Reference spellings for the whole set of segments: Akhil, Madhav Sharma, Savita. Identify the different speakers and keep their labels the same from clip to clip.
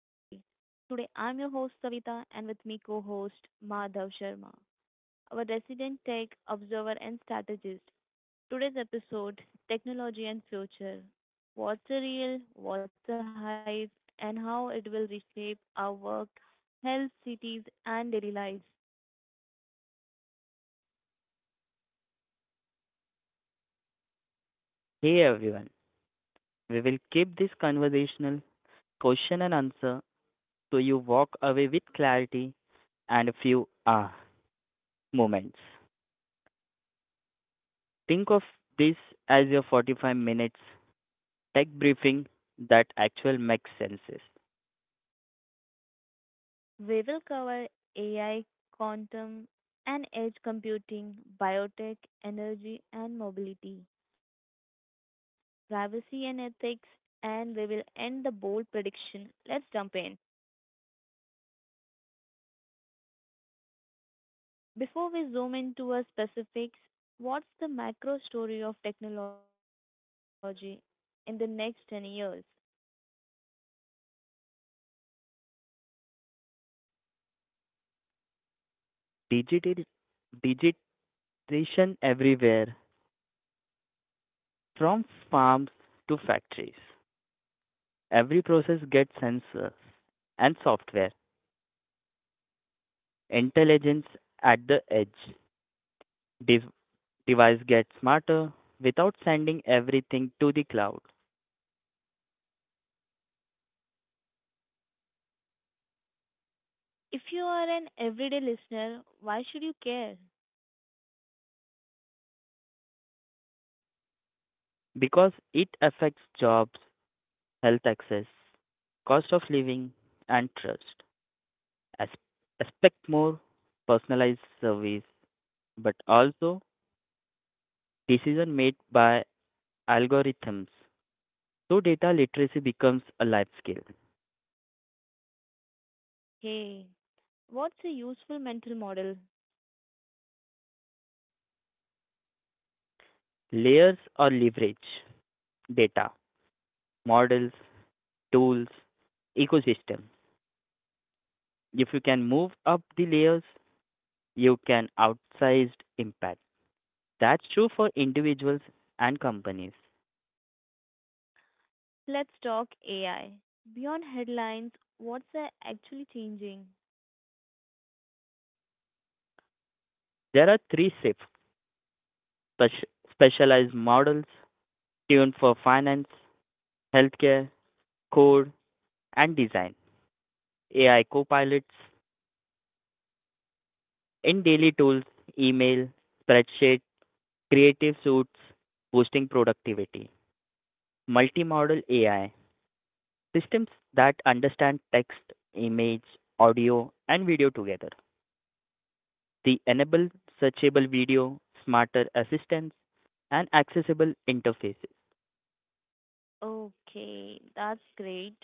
Speaker 1: Today, I'm your host Savita, and with me co-host Madhav Sharma, our resident tech observer and strategist. Today's episode: Technology and Future. What's a real? What's the hype? And how it will reshape our work, health, cities, and daily lives.
Speaker 2: Hey everyone, we will keep this conversational question and answer so you walk away with clarity and a few moments. Think of this as your 45 minutes tech briefing that actually makes sense.
Speaker 1: We will cover AI, quantum, and edge computing, biotech, energy, and mobility. Privacy and ethics, and we will end the bold prediction. Let's jump in. Before we zoom into our specifics, what's the macro story of technology in the next 10 years?
Speaker 2: Digital, Digitization everywhere, from farms to factories. Every process gets sensors and software, intelligence at the edge. This device get smarter without sending everything to the cloud
Speaker 1: If you are an everyday listener, why should you care?
Speaker 2: because it affects jobs, health access, cost of living, and trust. As- Expect more personalized service, but also decision made by algorithms. So data literacy becomes a life skill.
Speaker 1: Okay, what's a useful mental model?
Speaker 2: Layers or leverage data, models, tools, ecosystem. If you can move up the layers, you can outsize impact. That's true for individuals and companies.
Speaker 1: Let's talk AI. Beyond headlines, what's actually changing?
Speaker 2: There are three shifts spec- specialized models tuned for finance, healthcare, code, and design. AI copilots in daily tools, email, spreadsheet, creative suites, boosting productivity. Multimodal AI systems that understand text, image, audio, and video together. The enable searchable video, smarter assistance, and accessible interfaces.
Speaker 1: Okay, that's great.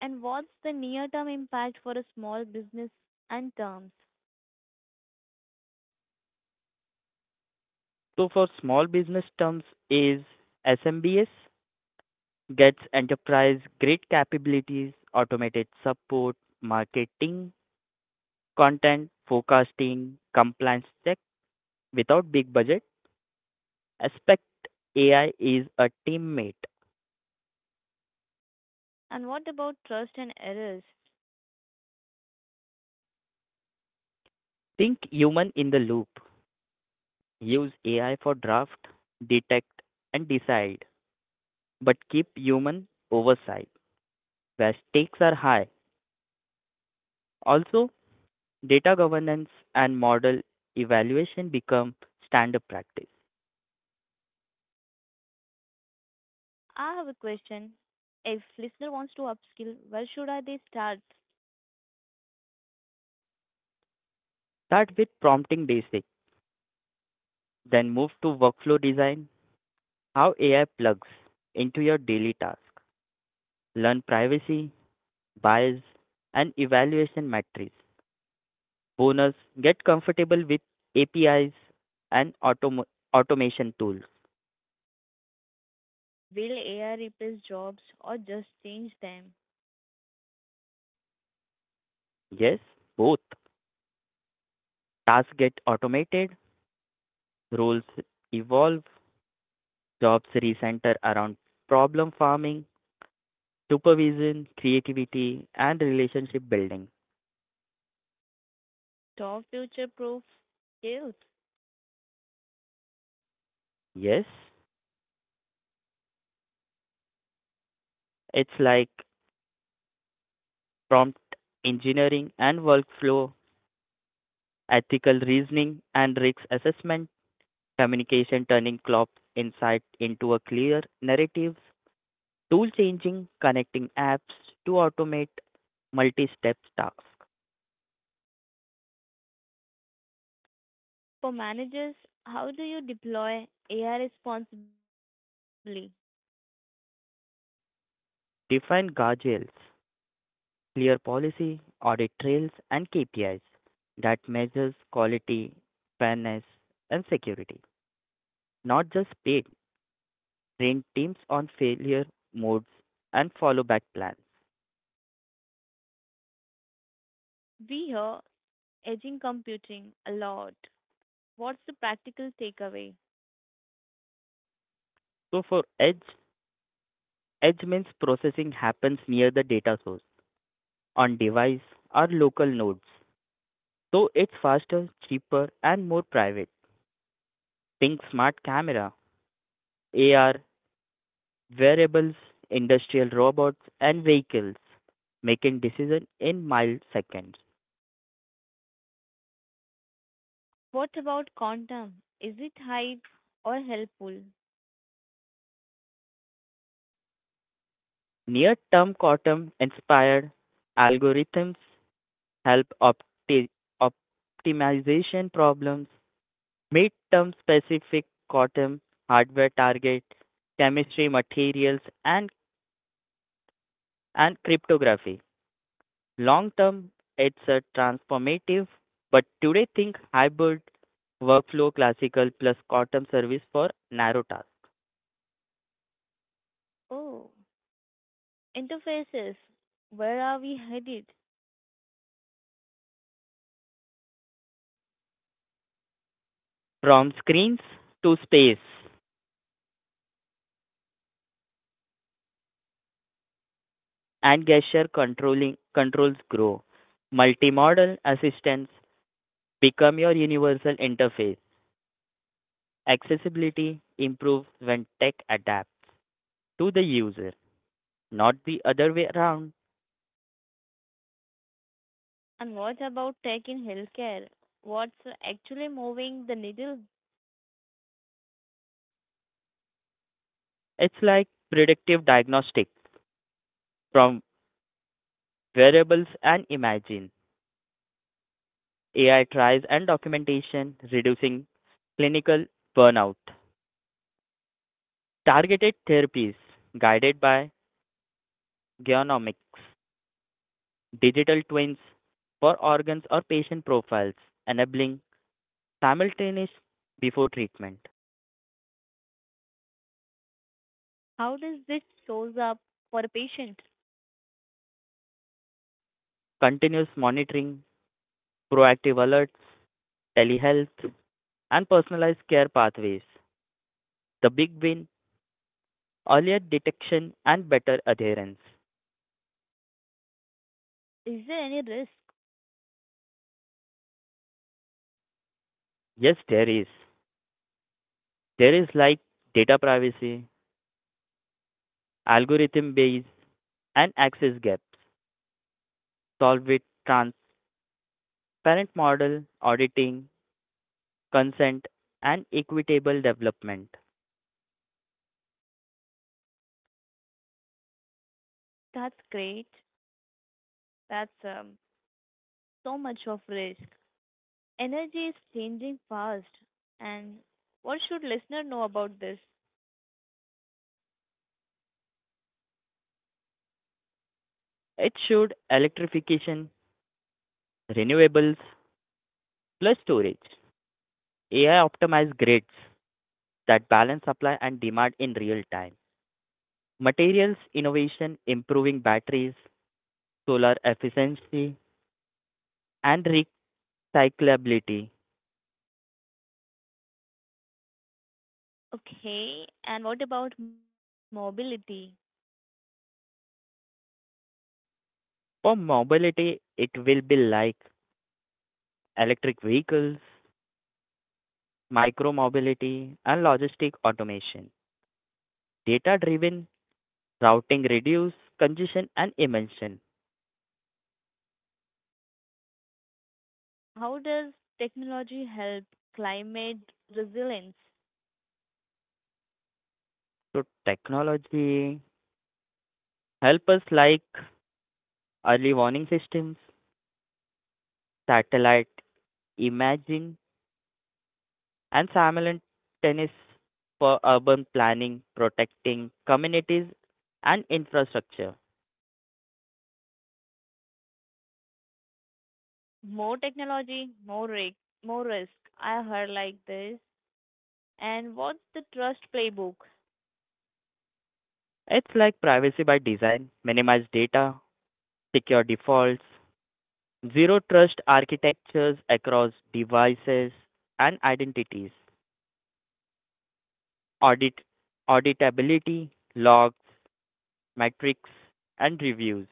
Speaker 1: And what's the near-term impact for a small business and terms?
Speaker 2: So for small business terms is SMBS gets enterprise grade capabilities, automated support, marketing, content, forecasting, compliance check without big budget. Aspect AI is a teammate.
Speaker 1: And what about trust and errors?
Speaker 2: Think human in the loop. Use AI for draft, detect and decide, but keep human oversight where stakes are high. Also data governance and model evaluation become standard practice.
Speaker 1: I have a question. If listener wants to upskill, where should I they start?
Speaker 2: Start with prompting basic, then move to workflow design, how AI plugs into your daily task. Learn privacy, bias, and evaluation metrics. Bonus, get comfortable with APIs and automation tools.
Speaker 1: Will AI replace jobs or just change them?
Speaker 2: Yes, both. Tasks get automated, roles evolve, jobs recenter around problem farming, supervision, creativity, and relationship building.
Speaker 1: Top future-proof skills.
Speaker 2: Yes, it's like prompt engineering and workflow, ethical reasoning and risk assessment, communication turning clock insight into a clear narrative, tool changing, connecting apps to automate multi step tasks,
Speaker 1: For managers, how do you deploy AI responsibly?
Speaker 2: define guardrails, clear policy, audit trails, and KPIs that measures quality, fairness, and security not just paid train teams on failure modes and follow back plans.
Speaker 1: We hear edging computing a lot. What's the practical takeaway?
Speaker 2: So for edge means processing happens near the data source on device or local nodes. So it's faster, cheaper and more private. Think smart camera, AR, wearables, industrial robots and vehicles making decision in milliseconds.
Speaker 1: What about quantum? Is it hype or helpful?
Speaker 2: Near-term quantum inspired algorithms help optimization problems. Midterm specific quantum hardware target, chemistry, materials, and cryptography. Long term, it's a transformative, but today think hybrid workflow classical plus quantum service for narrow tasks.
Speaker 1: Oh, interfaces. Where are we headed?
Speaker 2: From screens to space and gesture controlling controls grow. Multimodal assistants become your universal interface. Accessibility improves when tech adapts to the user, not the other way around.
Speaker 1: And what about tech in healthcare? What's actually moving the needle?
Speaker 2: It's like predictive diagnostics from variables and imagine AI trials and documentation, reducing clinical burnout. Targeted therapies guided by genomics, digital twins for organs or patient profiles, enabling simultaneous before treatment,
Speaker 1: How does this shows up for a patient?
Speaker 2: continuous monitoring, proactive alerts, telehealth, and personalized care pathways. The big win earlier detection and better adherence.
Speaker 1: Is there any risk?
Speaker 2: Yes, there is. There is like data privacy, algorithm base, and access gaps solve with transparent model, auditing, consent, and equitable development.
Speaker 1: That's great. That's So much of risk. Energy is changing fast. And what should listener know about this?
Speaker 2: It should electrification, renewables, plus storage. AI optimized grids that balance supply and demand in real time. Materials innovation improving batteries, solar efficiency, and recyclability.
Speaker 1: Okay, and what about mobility?
Speaker 2: For mobility, it will be like electric vehicles, micromobility, and logistic automation. Data-driven routing reduce congestion and emission.
Speaker 1: How does technology help climate resilience?
Speaker 2: So technology help us like early warning systems, satellite imaging, and simultaneous for urban planning, protecting communities and infrastructure.
Speaker 1: More technology, more risk, more risk. I heard like this. And what's the trust playbook?
Speaker 2: It's like privacy by design, minimize data, secure defaults, Zero Trust architectures across devices and identities, audit, auditability, logs, metrics, and reviews.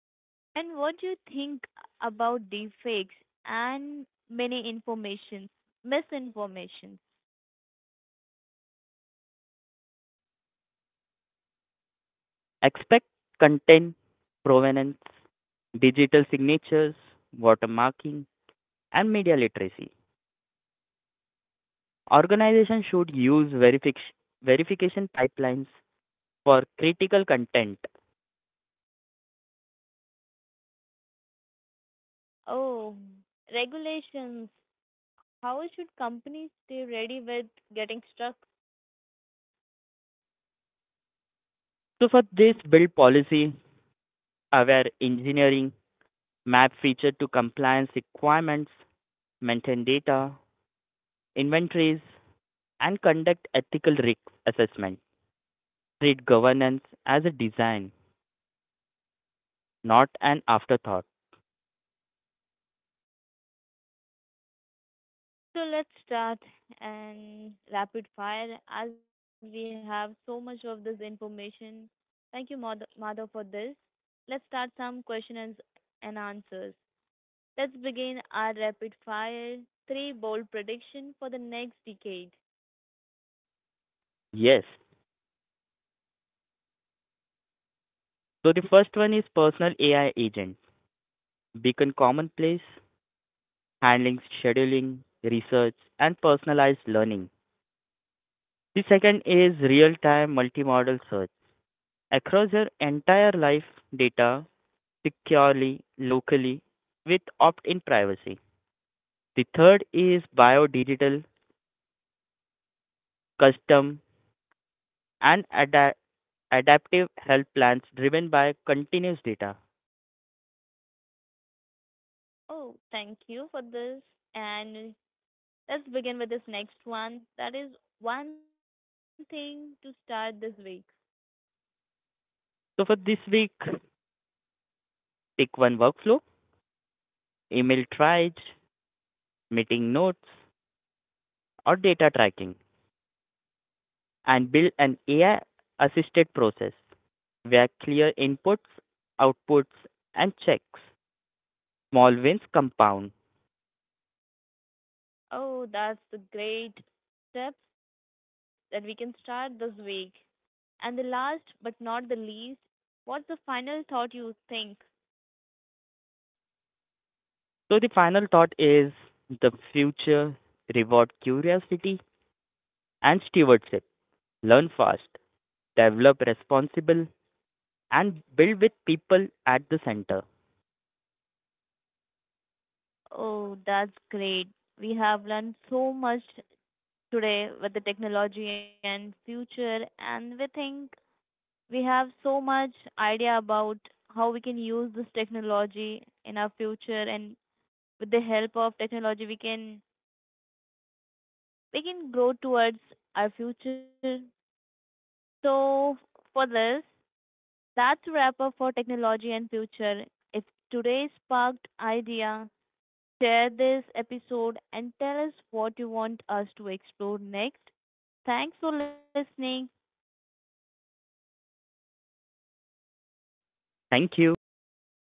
Speaker 1: And what do you think about deepfakes and many informations, misinformations?
Speaker 2: Expect content provenance, digital signatures, watermarking, and media literacy. Organizations should use verification pipelines for critical content.
Speaker 1: Oh, regulations. How should companies stay ready with getting stuck?
Speaker 2: So, for this, build policy aware engineering, map feature to compliance requirements, maintain data, inventories, and conduct ethical risk assessment. Treat governance as a design, not an afterthought.
Speaker 1: So let's start and rapid fire as we have so much of this information. Thank you, mother, for this. Let's start some questions and answers. Let's begin our rapid fire three bold prediction for the next decade.
Speaker 2: Yes. So the first one is personal AI agents. Beacon commonplace, handling scheduling, research, and personalized learning. The second is real time multimodal search. Across your entire life data securely, locally, with opt in privacy. The third is biodigital custom and adaptive health plans driven by continuous data.
Speaker 1: Oh, thank you for this. And let's begin with this next one. That is one thing to start this week.
Speaker 2: So for this week, pick one workflow, email triage, meeting notes, or data tracking, and build an AI assisted process where clear inputs, outputs, and checks, small wins compound.
Speaker 1: Oh, that's the great steps that we can start this week. And the last but not the least, what's the final thought you think?
Speaker 2: So the final thought is the future reward curiosity and stewardship. Learn fast, develop responsible, and build with people at the center.
Speaker 1: Oh, that's great. We have learned so much today with the technology and future, and we think we have so much idea about how we can use this technology in our future, and with the help of technology, we can grow towards our future. So for this, that's a wrap up for technology and future. If today sparked idea, share this episode and tell us what you want us to explore next. Thanks for listening.
Speaker 2: Thank you. Bye bye.